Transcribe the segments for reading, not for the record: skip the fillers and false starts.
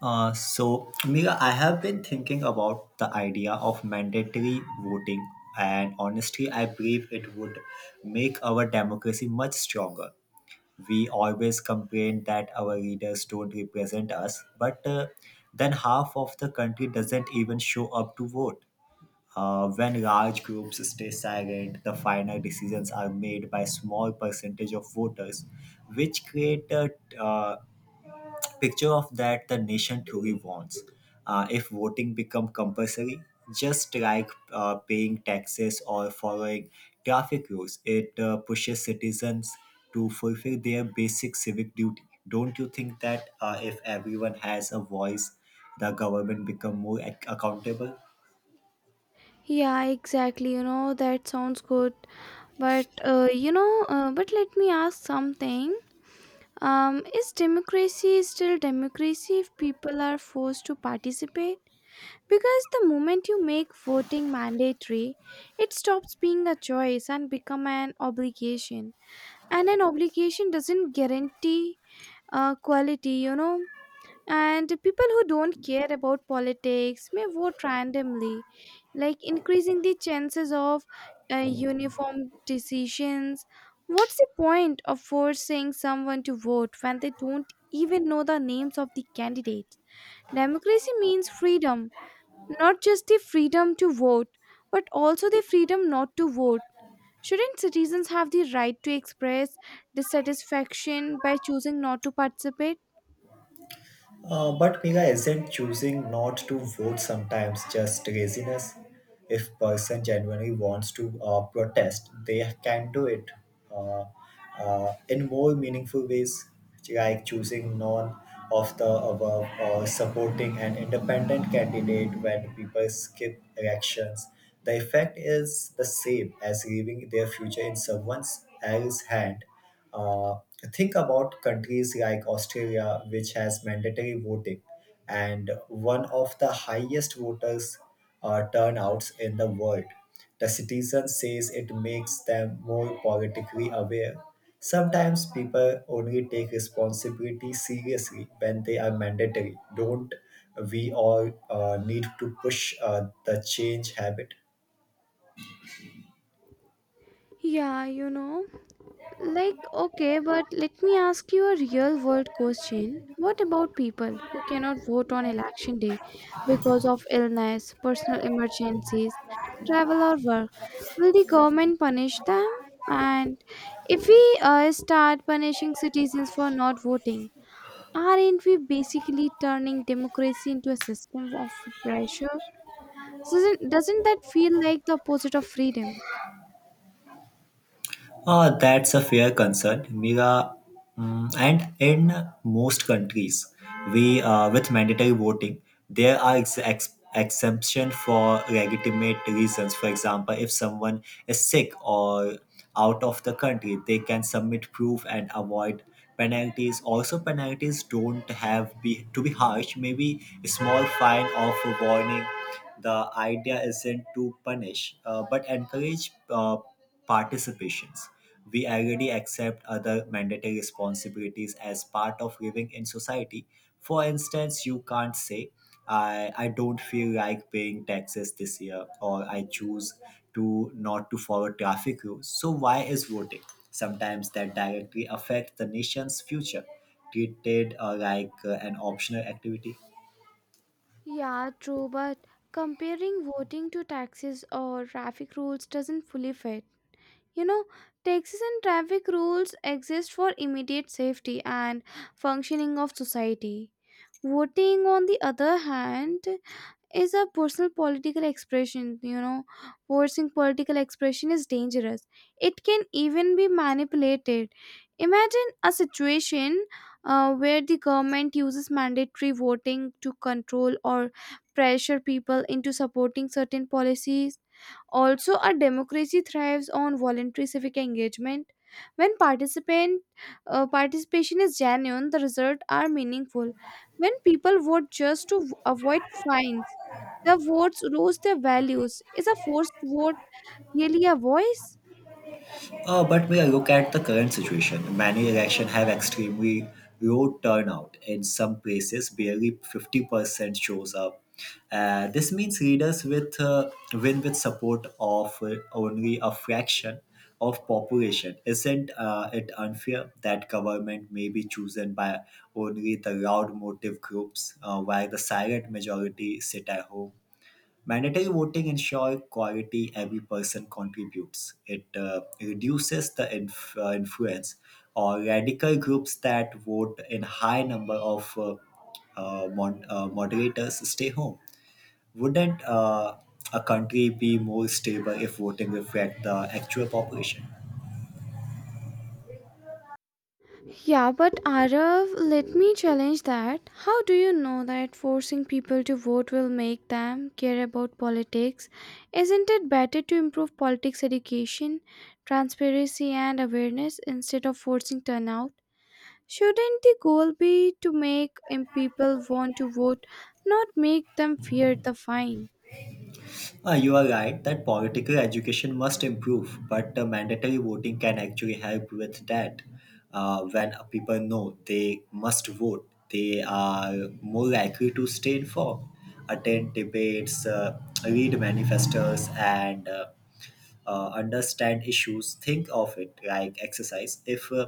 So, Mira, I have been thinking about the idea of mandatory voting, and honestly, I believe it would make our democracy much stronger. We always complain that our leaders don't represent us, but then half of the country doesn't even show up to vote. When large groups stay silent, the final decisions are made by small percentage of voters, which create a uh, picture of that the nation truly wants. If voting become compulsory, just like paying taxes or following traffic rules, it pushes citizens to fulfill their basic civic duty. Don't you think that if everyone has a voice, the government become more accountable? Yeah, exactly. You know, that sounds good. But, but let me ask something. Is democracy still democracy if people are forced to participate? Because the moment you make voting mandatory, it stops being a choice and become an obligation. And an obligation doesn't guarantee quality, you know. And people who don't care about politics may vote randomly like increasing the chances of uniform decisions. What's the point of forcing someone to vote when they don't even know the names of the candidates? Democracy means freedom, not just the freedom to vote, but also the freedom not to vote. Shouldn't citizens have the right to express dissatisfaction by choosing not to participate? But Mega isn't choosing not to vote sometimes just laziness. If person genuinely wants to protest, they can do it uh, in more meaningful ways, like choosing none of the above or supporting an independent candidate when people skip elections. The effect is the same as leaving their future in someone else's hand. Uh, think about countries like Australia, which has mandatory voting and one of the highest voters turnouts in the world. The citizen says it makes them more politically aware. Sometimes people only take responsibility seriously when they are mandatory. Don't we all need to push the change habit? Yeah, you know. Like, okay, but let me ask you a real world question. What about people who cannot vote on election day because of illness, personal emergencies, travel, or work? Will the government punish them? And if we start punishing citizens for not voting, aren't we basically turning democracy into a system of pressure? Doesn't that feel like the opposite of freedom? That's a fair concern, Mira. Mm, and in most countries, we with mandatory voting, there are exemptions for legitimate reasons. For example, if someone is sick or out of the country, they can submit proof and avoid penalties. Also, penalties don't have be to be harsh. Maybe a small fine or a warning, the idea isn't to punish, but encourage participations. We already accept other mandatory responsibilities as part of living in society. For instance, you can't say, I don't feel like paying taxes this year, or I choose to not to follow traffic rules. So why is voting? Sometimes that directly affect the nation's future, treated like an optional activity. Yeah, true, but comparing voting to taxes or traffic rules doesn't fully fit. You know, taxes and traffic rules exist for immediate safety and functioning of society. Voting, on the other hand, is a personal political expression. You know, forcing political expression is dangerous. It can even be manipulated. Imagine a situation where the government uses mandatory voting to control or pressure people into supporting certain policies. Also, a democracy thrives on voluntary civic engagement. When participant participation is genuine, the results are meaningful. When people vote just to avoid fines, the votes lose their values. Is a forced vote really a voice? But when I look at the current situation, many elections have extremely low turnout. In some places, barely 50% shows up. This means leaders with win with support of only a fraction of population. Isn't it unfair that government may be chosen by only the loud motive groups while the silent majority sit at home? Mandatory voting ensures quality every person contributes. It reduces the influence or radical groups that vote in high number of moderators stay home. Wouldn't a country be more stable if voting reflect the actual population? Yeah, but Arav, let me challenge that. How do you know that forcing people to vote will make them care about politics? Isn't it better to improve politics education, transparency, and awareness instead of forcing turnout? Shouldn't the goal be to make people want to vote, not make them fear the fine? You are right that political education must improve, but mandatory voting can actually help with that. When people know they must vote, they are more likely to stay informed, attend debates, read manifestos, and understand issues, think of it like exercise. if uh,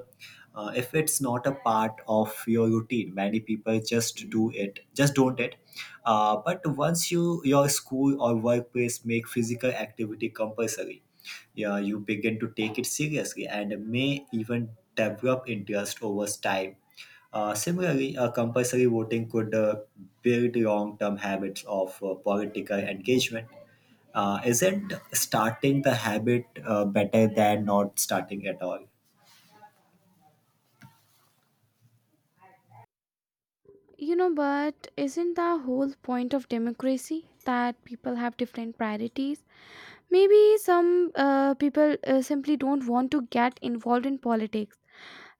uh, if it's not a part of your routine, many people just do it just don't it. But once you your school or workplace make physical activity compulsory, yeah, you begin to take it seriously and may even develop interest over time. Similarly, compulsory voting could build long term habits of political engagement. Isn't starting the habit better than not starting at all? You know, but isn't the whole point of democracy that people have different priorities? Maybe some people simply don't want to get involved in politics.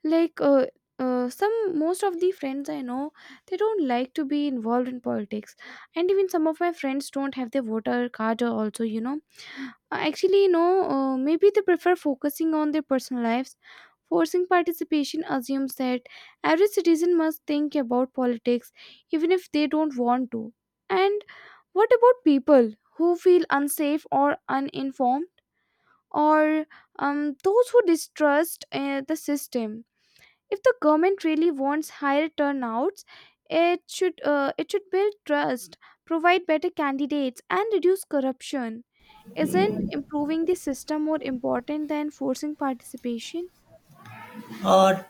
Like some Most of the friends I know, they don't like to be involved in politics, and even some of my friends don't have their voter card also. You know, actually, no, maybe they prefer focusing on their personal lives. Forcing participation assumes that every citizen must think about politics even if they don't want to. And what about people who feel unsafe or uninformed or those who distrust the system? If the government really wants higher turnouts, it should build trust, provide better candidates and reduce corruption. Isn't improving the system more important than forcing participation? Uh,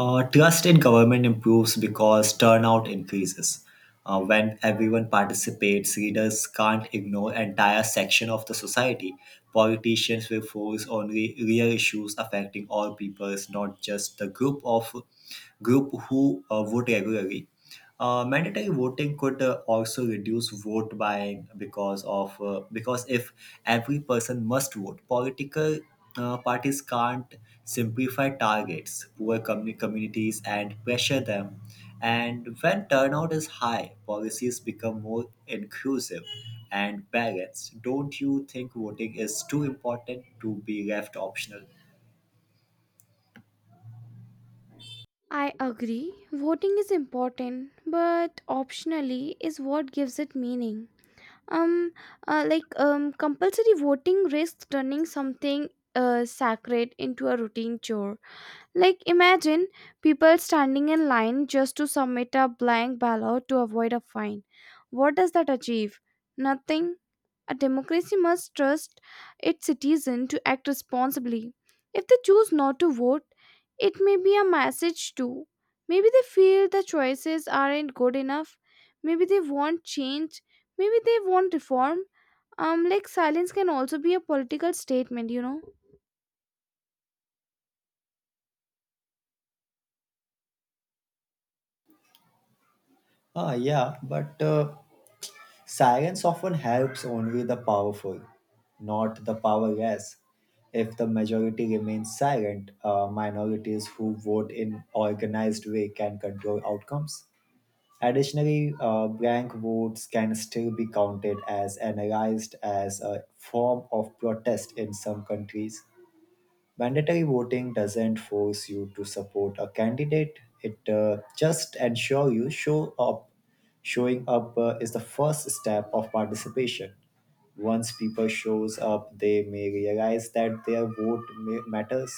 trust in government improves because turnout increases. When everyone participates, readers can't ignore entire section of the society. Politicians will focus on real issues affecting all peoples, not just the group who vote regularly. Mandatory voting could also reduce vote buying because of because if every person must vote, political parties can't simplify targets, poor communities, and pressure them. And when turnout is high, policies become more inclusive and balanced. Don't you think voting is too important to be left optional? I agree. Voting is important, but optionally is what gives it meaning. Um, Compulsory voting risks turning something sacred into a routine chore. Like imagine people standing in line just to submit a blank ballot to avoid a fine. What does that achieve? Nothing. A democracy must trust its citizens to act responsibly. If they choose not to vote, it may be a message too. Maybe they feel the choices aren't good enough. Maybe they want change. Maybe they want reform. Like silence can also be a political statement, you know. Ah, yeah, but Silence often helps only the powerful, not the powerless. If the majority remains silent, minorities who vote in organized way can control outcomes. Additionally, blank votes can still be counted as analyzed as a form of protest in some countries. Mandatory voting doesn't force you to support a candidate, it just ensure you show up. Showing up is the first step of participation. Once people shows up, they may realize that their vote matters.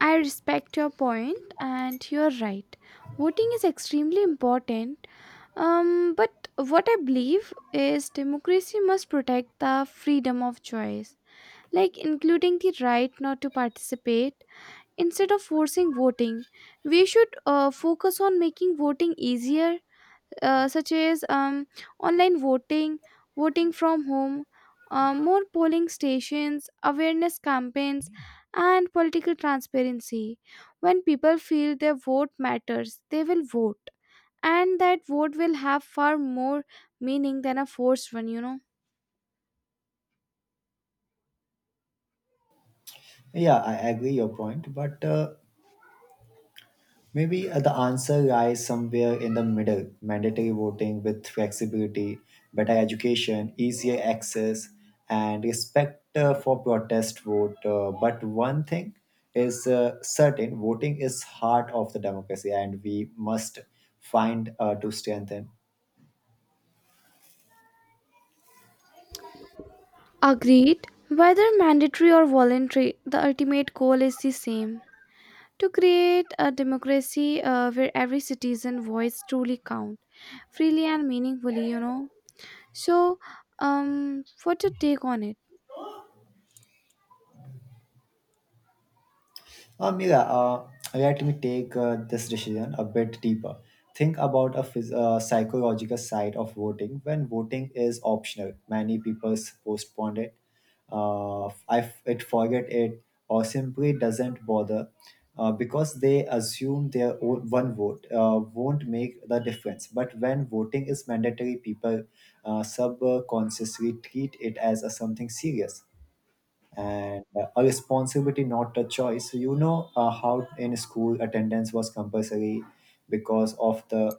I respect your point, and you're right. Voting is extremely important. But what I believe is democracy must protect the freedom of choice, like including the right not to participate instead of forcing voting. We should focus on making voting easier, such as online voting, voting from home, more polling stations, awareness campaigns, and political transparency. When people feel their vote matters, they will vote, and that vote will have far more meaning than a forced one, you know. Yeah, I agree your point, but maybe the answer lies somewhere in the middle mandatory voting with flexibility, better education, easier access, and respect for protest vote. But one thing is certain, voting is heart of the democracy, and we must find to strengthen. Agreed. Whether mandatory or voluntary, the ultimate goal is the same: to create a democracy where every citizen voice truly count freely and meaningfully, you know. So what's your take on it? Mira, let me take this decision a bit deeper. Think about a psychological side of voting. When voting is optional, many people postpone it. It forget it or simply doesn't bother because they assume their own, one vote won't make the difference. But when voting is mandatory, people subconsciously treat it as a something serious and a responsibility, not a choice. So, you know how in school attendance was compulsory because of the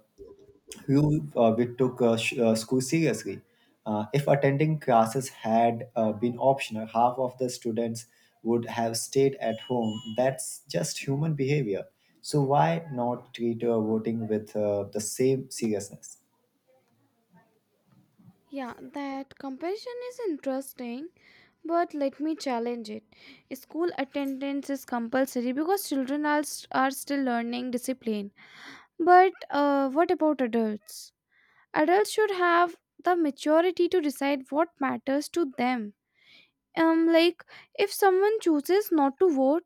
rule, we took school seriously. If attending classes had been optional, half of the students would have stayed at home. That's just human behavior. So why not treat voting with the same seriousness? Yeah, that comparison is interesting, but let me challenge it. School attendance is compulsory because children are, are still learning discipline, but what about adults? Adults should have the maturity to decide what matters to them. Like if someone chooses not to vote,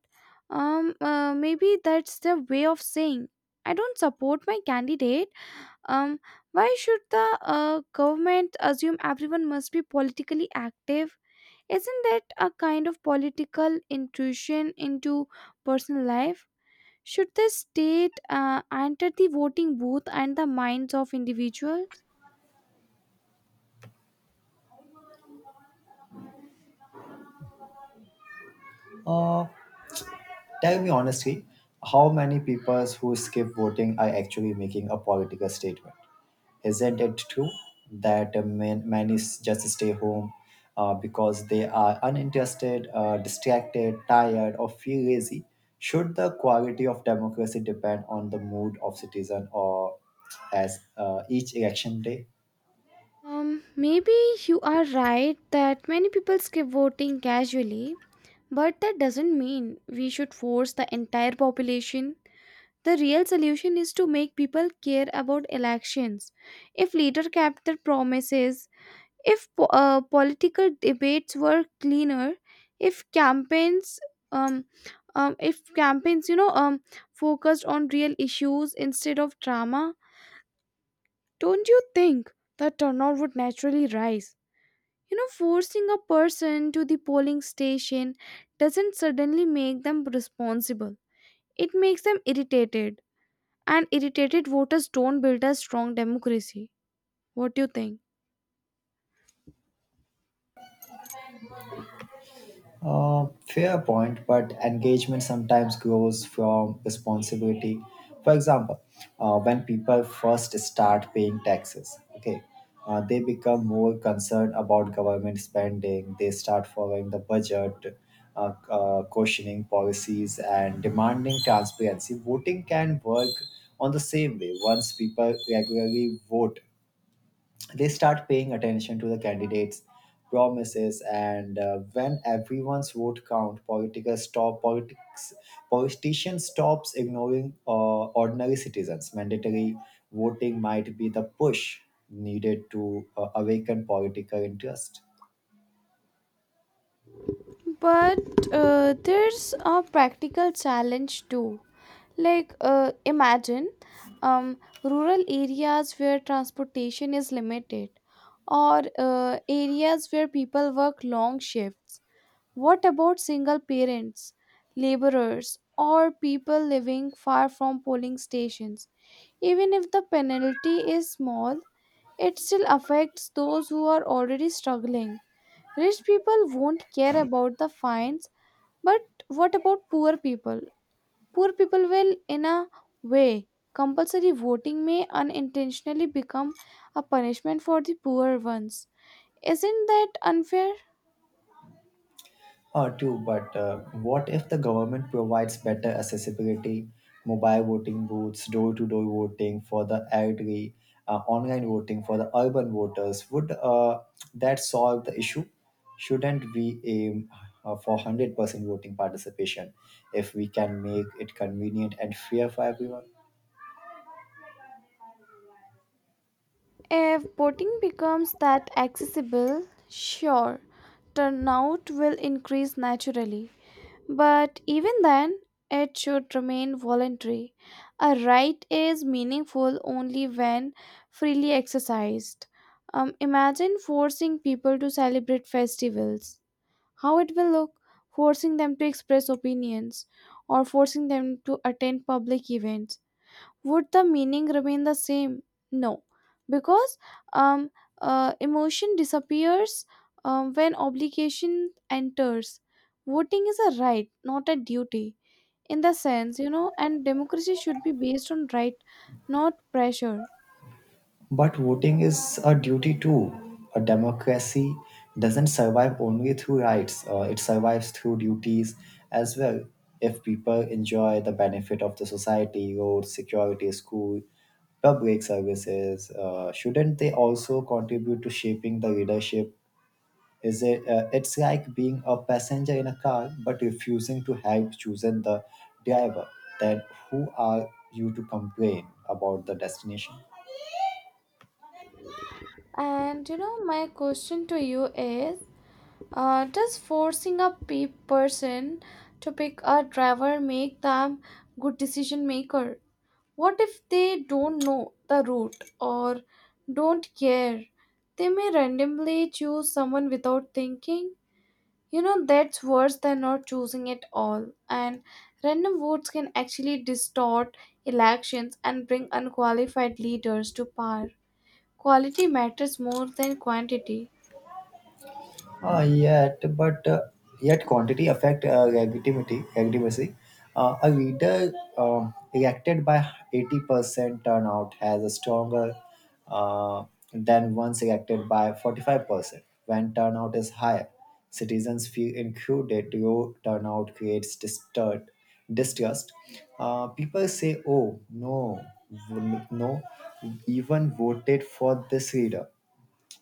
maybe that's their way of saying I don't support my candidate. Um, why should the government assume everyone must be politically active? Isn't that a kind of political intrusion into personal life? Should the state enter the voting booth and the minds of individuals? Uh, tell me honestly, how many people who skip voting are actually making a political statement? Isn't it true that many just stay home because they are uninterested, distracted, tired, or feel lazy? Should the quality of democracy depend on the mood of citizen or as each election day? Maybe you are right that many people skip voting casually, but that doesn't mean we should force the entire population. The real solution is to make people care about elections. If leaders kept their promises, if political debates were cleaner, if campaigns, um, if campaigns, you know, focused on real issues instead of drama, don't you think the turnout would naturally rise? You know, forcing a person to the polling station doesn't suddenly make them responsible. It makes them irritated. And irritated voters don't build a strong democracy. What do you think? Fair point, but engagement sometimes grows from responsibility. For example, when people first start paying taxes, okay, they become more concerned about government spending. They start following the budget, questioning policies, and demanding transparency. Voting can work on the same way. Once people regularly vote, they start paying attention to the candidates promises, and when everyone's vote count political stop politics politician stops ignoring ordinary citizens, mandatory voting might be the push needed to awaken political interest. But there's a practical challenge too. Like, imagine um, rural areas where transportation is limited or areas where people work long shifts. What about single parents, laborers, or people living far from polling stations? Even if the penalty is small, it still affects those who are already struggling. Rich people won't care about the fines, but what about poor people? Poor people will, in a way. Compulsory voting may unintentionally become a punishment for the poor ones. Isn't that unfair? True, but what if the government provides better accessibility, mobile voting booths, door to door voting for the elderly, online voting for the urban voters? Would that solve the issue? Shouldn't we aim for 100% voting participation if we can make it convenient and fair for everyone? If boating becomes that accessible, sure, turnout will increase naturally. But even then, it should remain voluntary. A right is meaningful only when freely exercised. Imagine forcing people to celebrate festivals. How it will look? Forcing them to express opinions or forcing them to attend public events, would the meaning remain the same? No, because um, emotion disappears when obligation enters. Voting is a right, not a duty, in the sense, you know, and democracy should be based on right, not pressure. But voting is a duty too. A democracy doesn't survive only through rights, it survives through duties as well. If people enjoy the benefit of the society, roads, security, school, public services, shouldn't they also contribute to shaping the leadership? Is it? It's like being a passenger in a car but refusing to help choosing the driver. Then who are you to complain about the destination? And you know my question to you is, does forcing a person to pick a driver make them good decision maker? What if they don't know the route or don't care? They may randomly choose someone without thinking. You know, that's worse than not choosing at all. And random votes can actually distort elections and bring unqualified leaders to power. Quality matters more than quantity. Uh, yet, but uh, yet quantity affect negativity, aggressiveness. A leader elected by 80% turnout has a stronger uh, than one selected by 45%. When turnout is higher, citizens feel included. Low turnout creates disturbed, distrust. People say, "Oh no, no, even voted for this leader."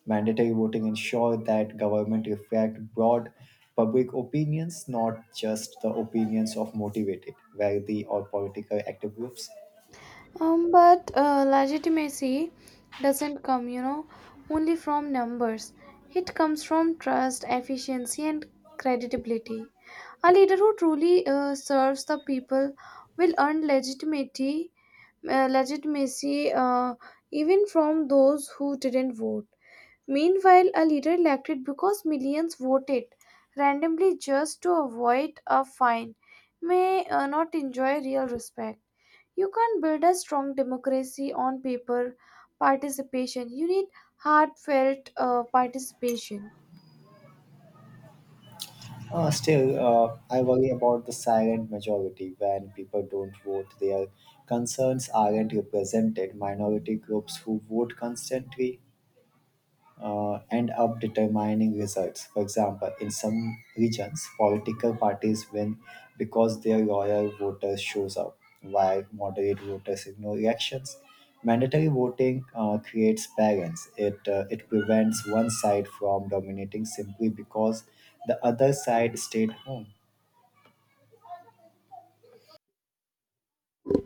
Mandatory voting ensures that government reflect broad public opinions, not just the opinions of motivated, wealthy, or political active groups. But legitimacy doesn't come, you know, only from numbers. It comes from trust, efficiency, and credibility. A leader who truly serves the people will earn legitimacy, uh, legitimacy uh, even from those who didn't vote. Meanwhile, a leader elected because millions voted randomly just to avoid a fine may not enjoy real respect. You can't build a strong democracy on paper participation. You need heartfelt participation. Still, I worry about the silent majority. When people don't vote, their concerns aren't represented. Minority groups who vote constantly end up determining results. For example, in some regions, political parties win because their loyal voters shows up, while moderate voters ignore elections. Mandatory voting creates balance. It prevents one side from dominating simply because the other side stayed home.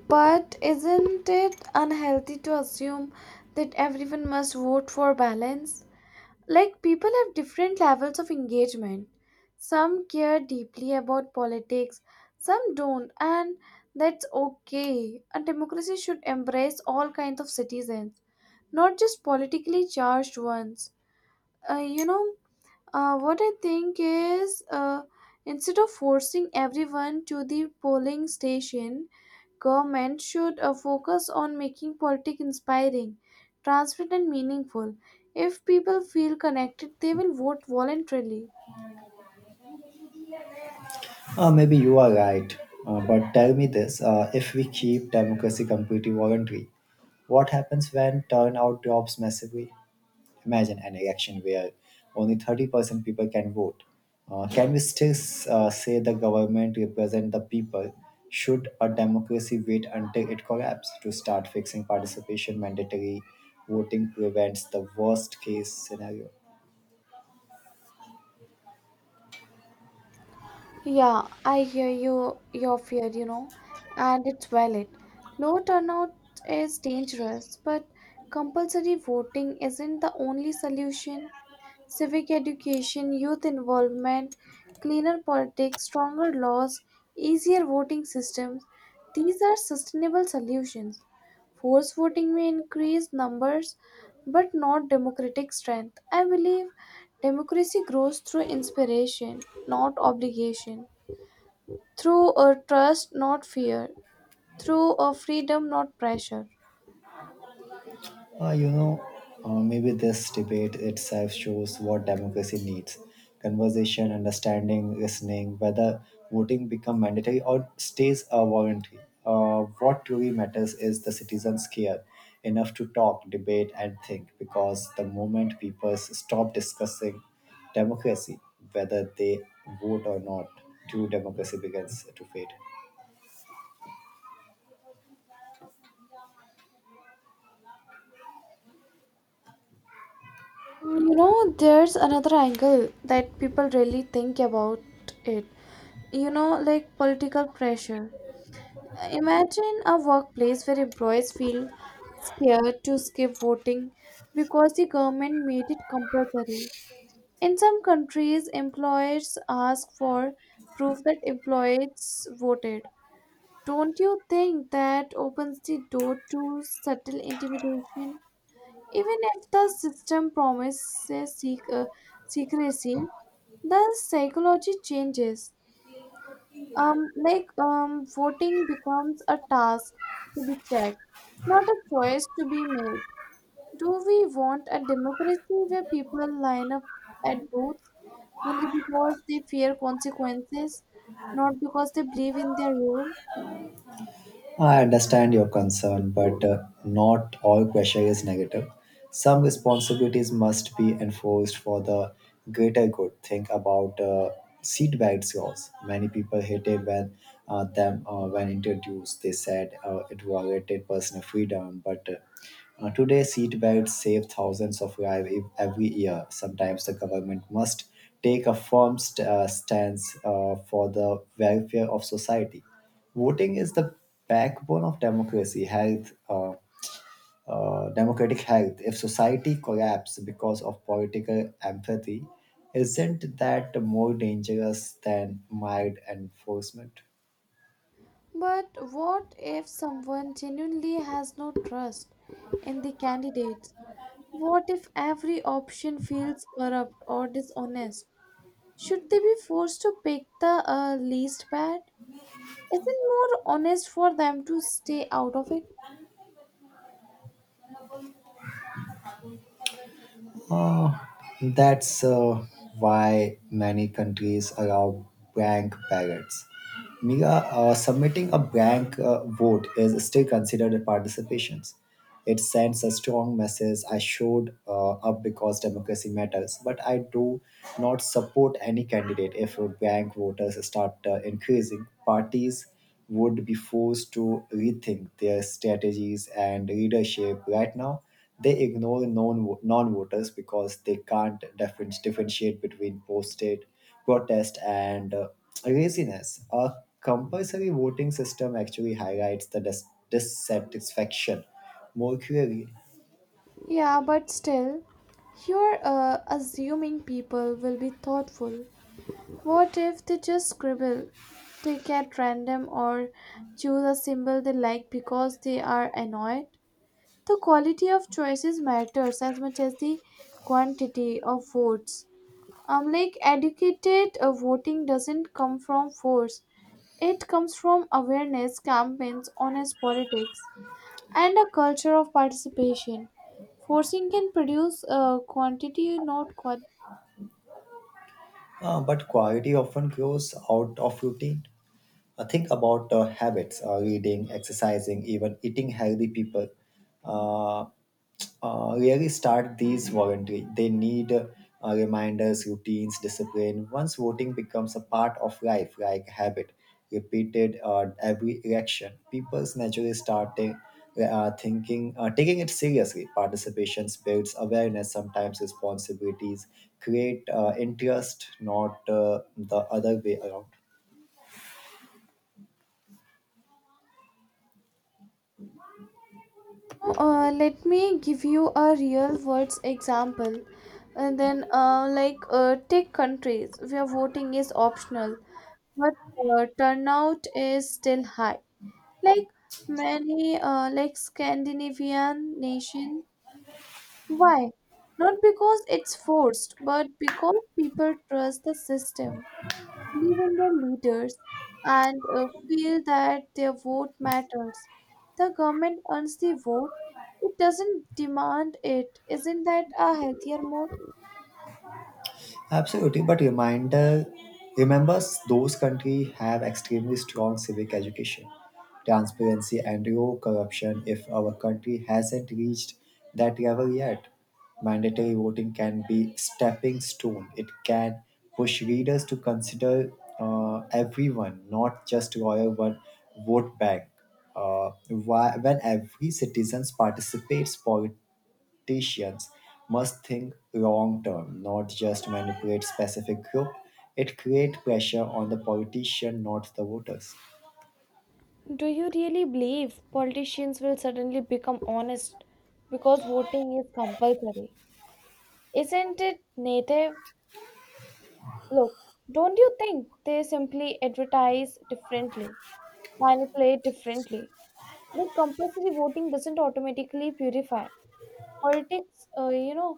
But isn't it unhealthy to assume that everyone must vote for balance? Like, people have different levels of engagement. Some care deeply about politics, some don't, and that's okay. A democracy should embrace all kinds of citizens, not just politically charged ones. You know, what I think is, instead of forcing everyone to the polling station, government should focus on making politics inspiring, transparent, and meaningful. If people feel connected, they will vote voluntarily. Maybe you are right, but tell me this: if we keep democracy completely voluntary, what happens when turnout drops massively? Imagine an election where only 30% people can vote. Can we still say the government represent the people? Should a democracy wait until it collapses to start fixing participation? Mandatory voting prevents the worst case scenario. Yeah, I hear you, your fear, you know, and it's valid. Low turnout is dangerous, but compulsory voting isn't the only solution. Civic education, youth involvement, cleaner politics, stronger laws, easier voting systems. These are sustainable solutions. Force voting may increase numbers but not democratic strength. I believe democracy grows through inspiration, not obligation, through a trust, not fear, through a freedom, not pressure. You know, maybe this debate itself shows what democracy needs: conversation, understanding, listening. Whether voting become mandatory or stays a voluntary. What truly matters is the citizens care enough to talk, debate, and think. Because the moment people stop discussing democracy, whether they vote or not, true democracy begins to fade. You know, there's another angle that people really think about it, you know, like political pressure. Imagine a workplace where employees feel scared to skip voting because the government made it compulsory. In some countries employers ask for proof that employees voted. Don't you think that opens the door to subtle intimidation? Even if the system promises secrecy, the psychology changes. Voting becomes a task to be checked, not a choice to be made. Do we want a democracy where people line up at booths only because they fear consequences, not because they believe in their role? I understand your concern, but not all pressure is negative. Some responsibilities must be enforced for the greater good. Think about seat belts laws. Many people hated when them when introduced. They said it violated personal freedom, but today, seatbelts save thousands of lives every year. Sometimes the government must take a firm stance for the welfare of society. Voting is the backbone of democracy health, democratic health. If society collapses because of political apathy, isn't that more dangerous than mild enforcement? But what if someone genuinely has no trust in the candidates? What if every option feels corrupt or dishonest? Should they be forced to pick the least bad? Isn't more honest for them to stay out of it? Uh, that's why many countries allow blank ballots. Mira, submitting a blank vote is still considered a participation. It sends a strong message. I showed up because democracy matters, but I do not support any candidate. If blank voters start increasing, parties would be forced to rethink their strategies and leadership. Right now they ignore non-voters because they can't differentiate between posted protest and laziness. A compulsory voting system actually highlights the dissatisfaction more clearly. Yeah, but still, you're assuming people will be thoughtful. What if they just scribble, take at random, or choose a symbol they like because they are annoyed? The quality of choices matters as much as the quantity of votes. Like educated voting doesn't come from force; it comes from awareness campaigns, honest politics, and a culture of participation. Forcing can produce quantity, not quality. But quality often grows out of routine. Think about habits, reading, exercising, even eating healthy. People uh, really start these voluntary, they need reminders, routines, discipline. Once voting becomes a part of life, like habit repeated every election, people naturally start thinking, taking it seriously. Participation builds awareness. Sometimes responsibilities create interest, not the other way around. Let me give you a real world example. And then, take countries where voting is optional, but turnout is still high. Like many, like Scandinavian nation. Why? Not because it's forced, but because people trust the system, believe in their leaders and feel that their vote matters. The government earns the vote, it doesn't demand it. Isn't that a healthier mode? Absolutely, but reminder remember, those countries have extremely strong civic education, transparency and low corruption. If our country hasn't reached that level yet, mandatory voting can be stepping stone. It can push readers to consider everyone, not just royal one vote bank. When every citizen participates, politics politicians must think long term, not just manipulate specific group. It creates pressure on the politician, not the voters. Do you really believe politicians will suddenly become honest because voting is compulsory? Isn't it native? Look, don't you think they simply advertise differently, manipulate differently? Like compulsory voting doesn't automatically purify politics, you know.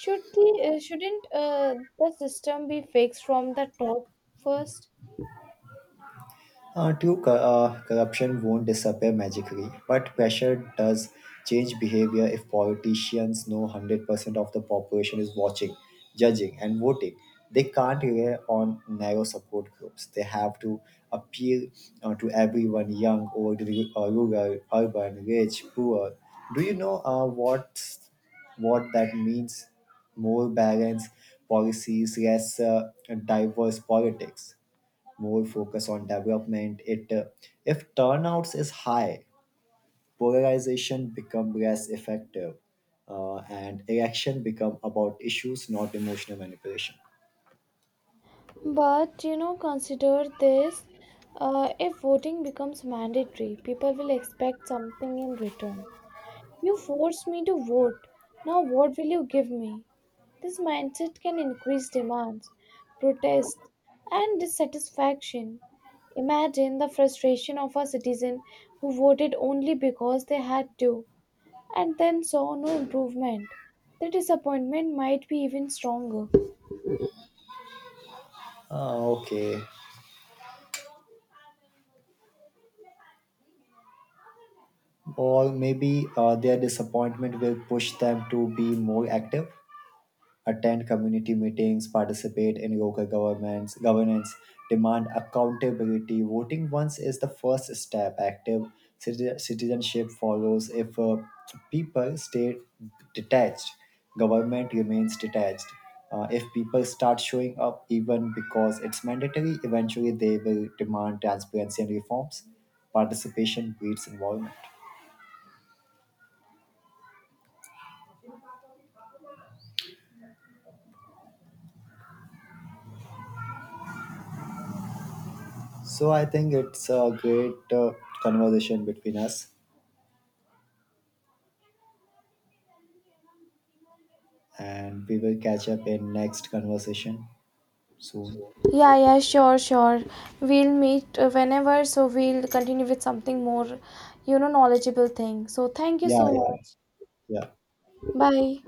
Shouldn't the system be fixed from the top first? True, corruption won't disappear magically, but pressure does change behavior. If politicians know 100% of the population is watching, judging, and voting. They can't rely on narrow support groups. They have to appeal to everyone, young, old, rural, urban, rich, poor. Do you know what that means? More balanced policies, less diverse politics, more focus on development. It if turnouts is high, polarization become less effective, and election become about issues, not emotional manipulation. But you know, consider this. If voting becomes mandatory, people will expect something in return. You forced me to vote, now what will you give me? This mindset can increase demands, protest, and dissatisfaction. Imagine the frustration of a citizen who voted only because they had to and then saw no improvement. The disappointment might be even stronger. Ah, okay, or maybe their disappointment will push them to be more active. Attend community meetings, participate in local governments, governance, demand accountability. Voting once is the first step. Active citizenship follows. If people stay detached, government remains detached. If people start showing up, even because it's mandatory, eventually they will demand transparency and reforms. Participation breeds involvement. So I think it's a great conversation between us, and we will catch up in next conversation soon. Yeah, yeah, sure, sure. We'll meet whenever, so we'll continue with something more, you know, knowledgeable thing. So thank you Yeah, so, yeah, yeah, much. yeah. Bye.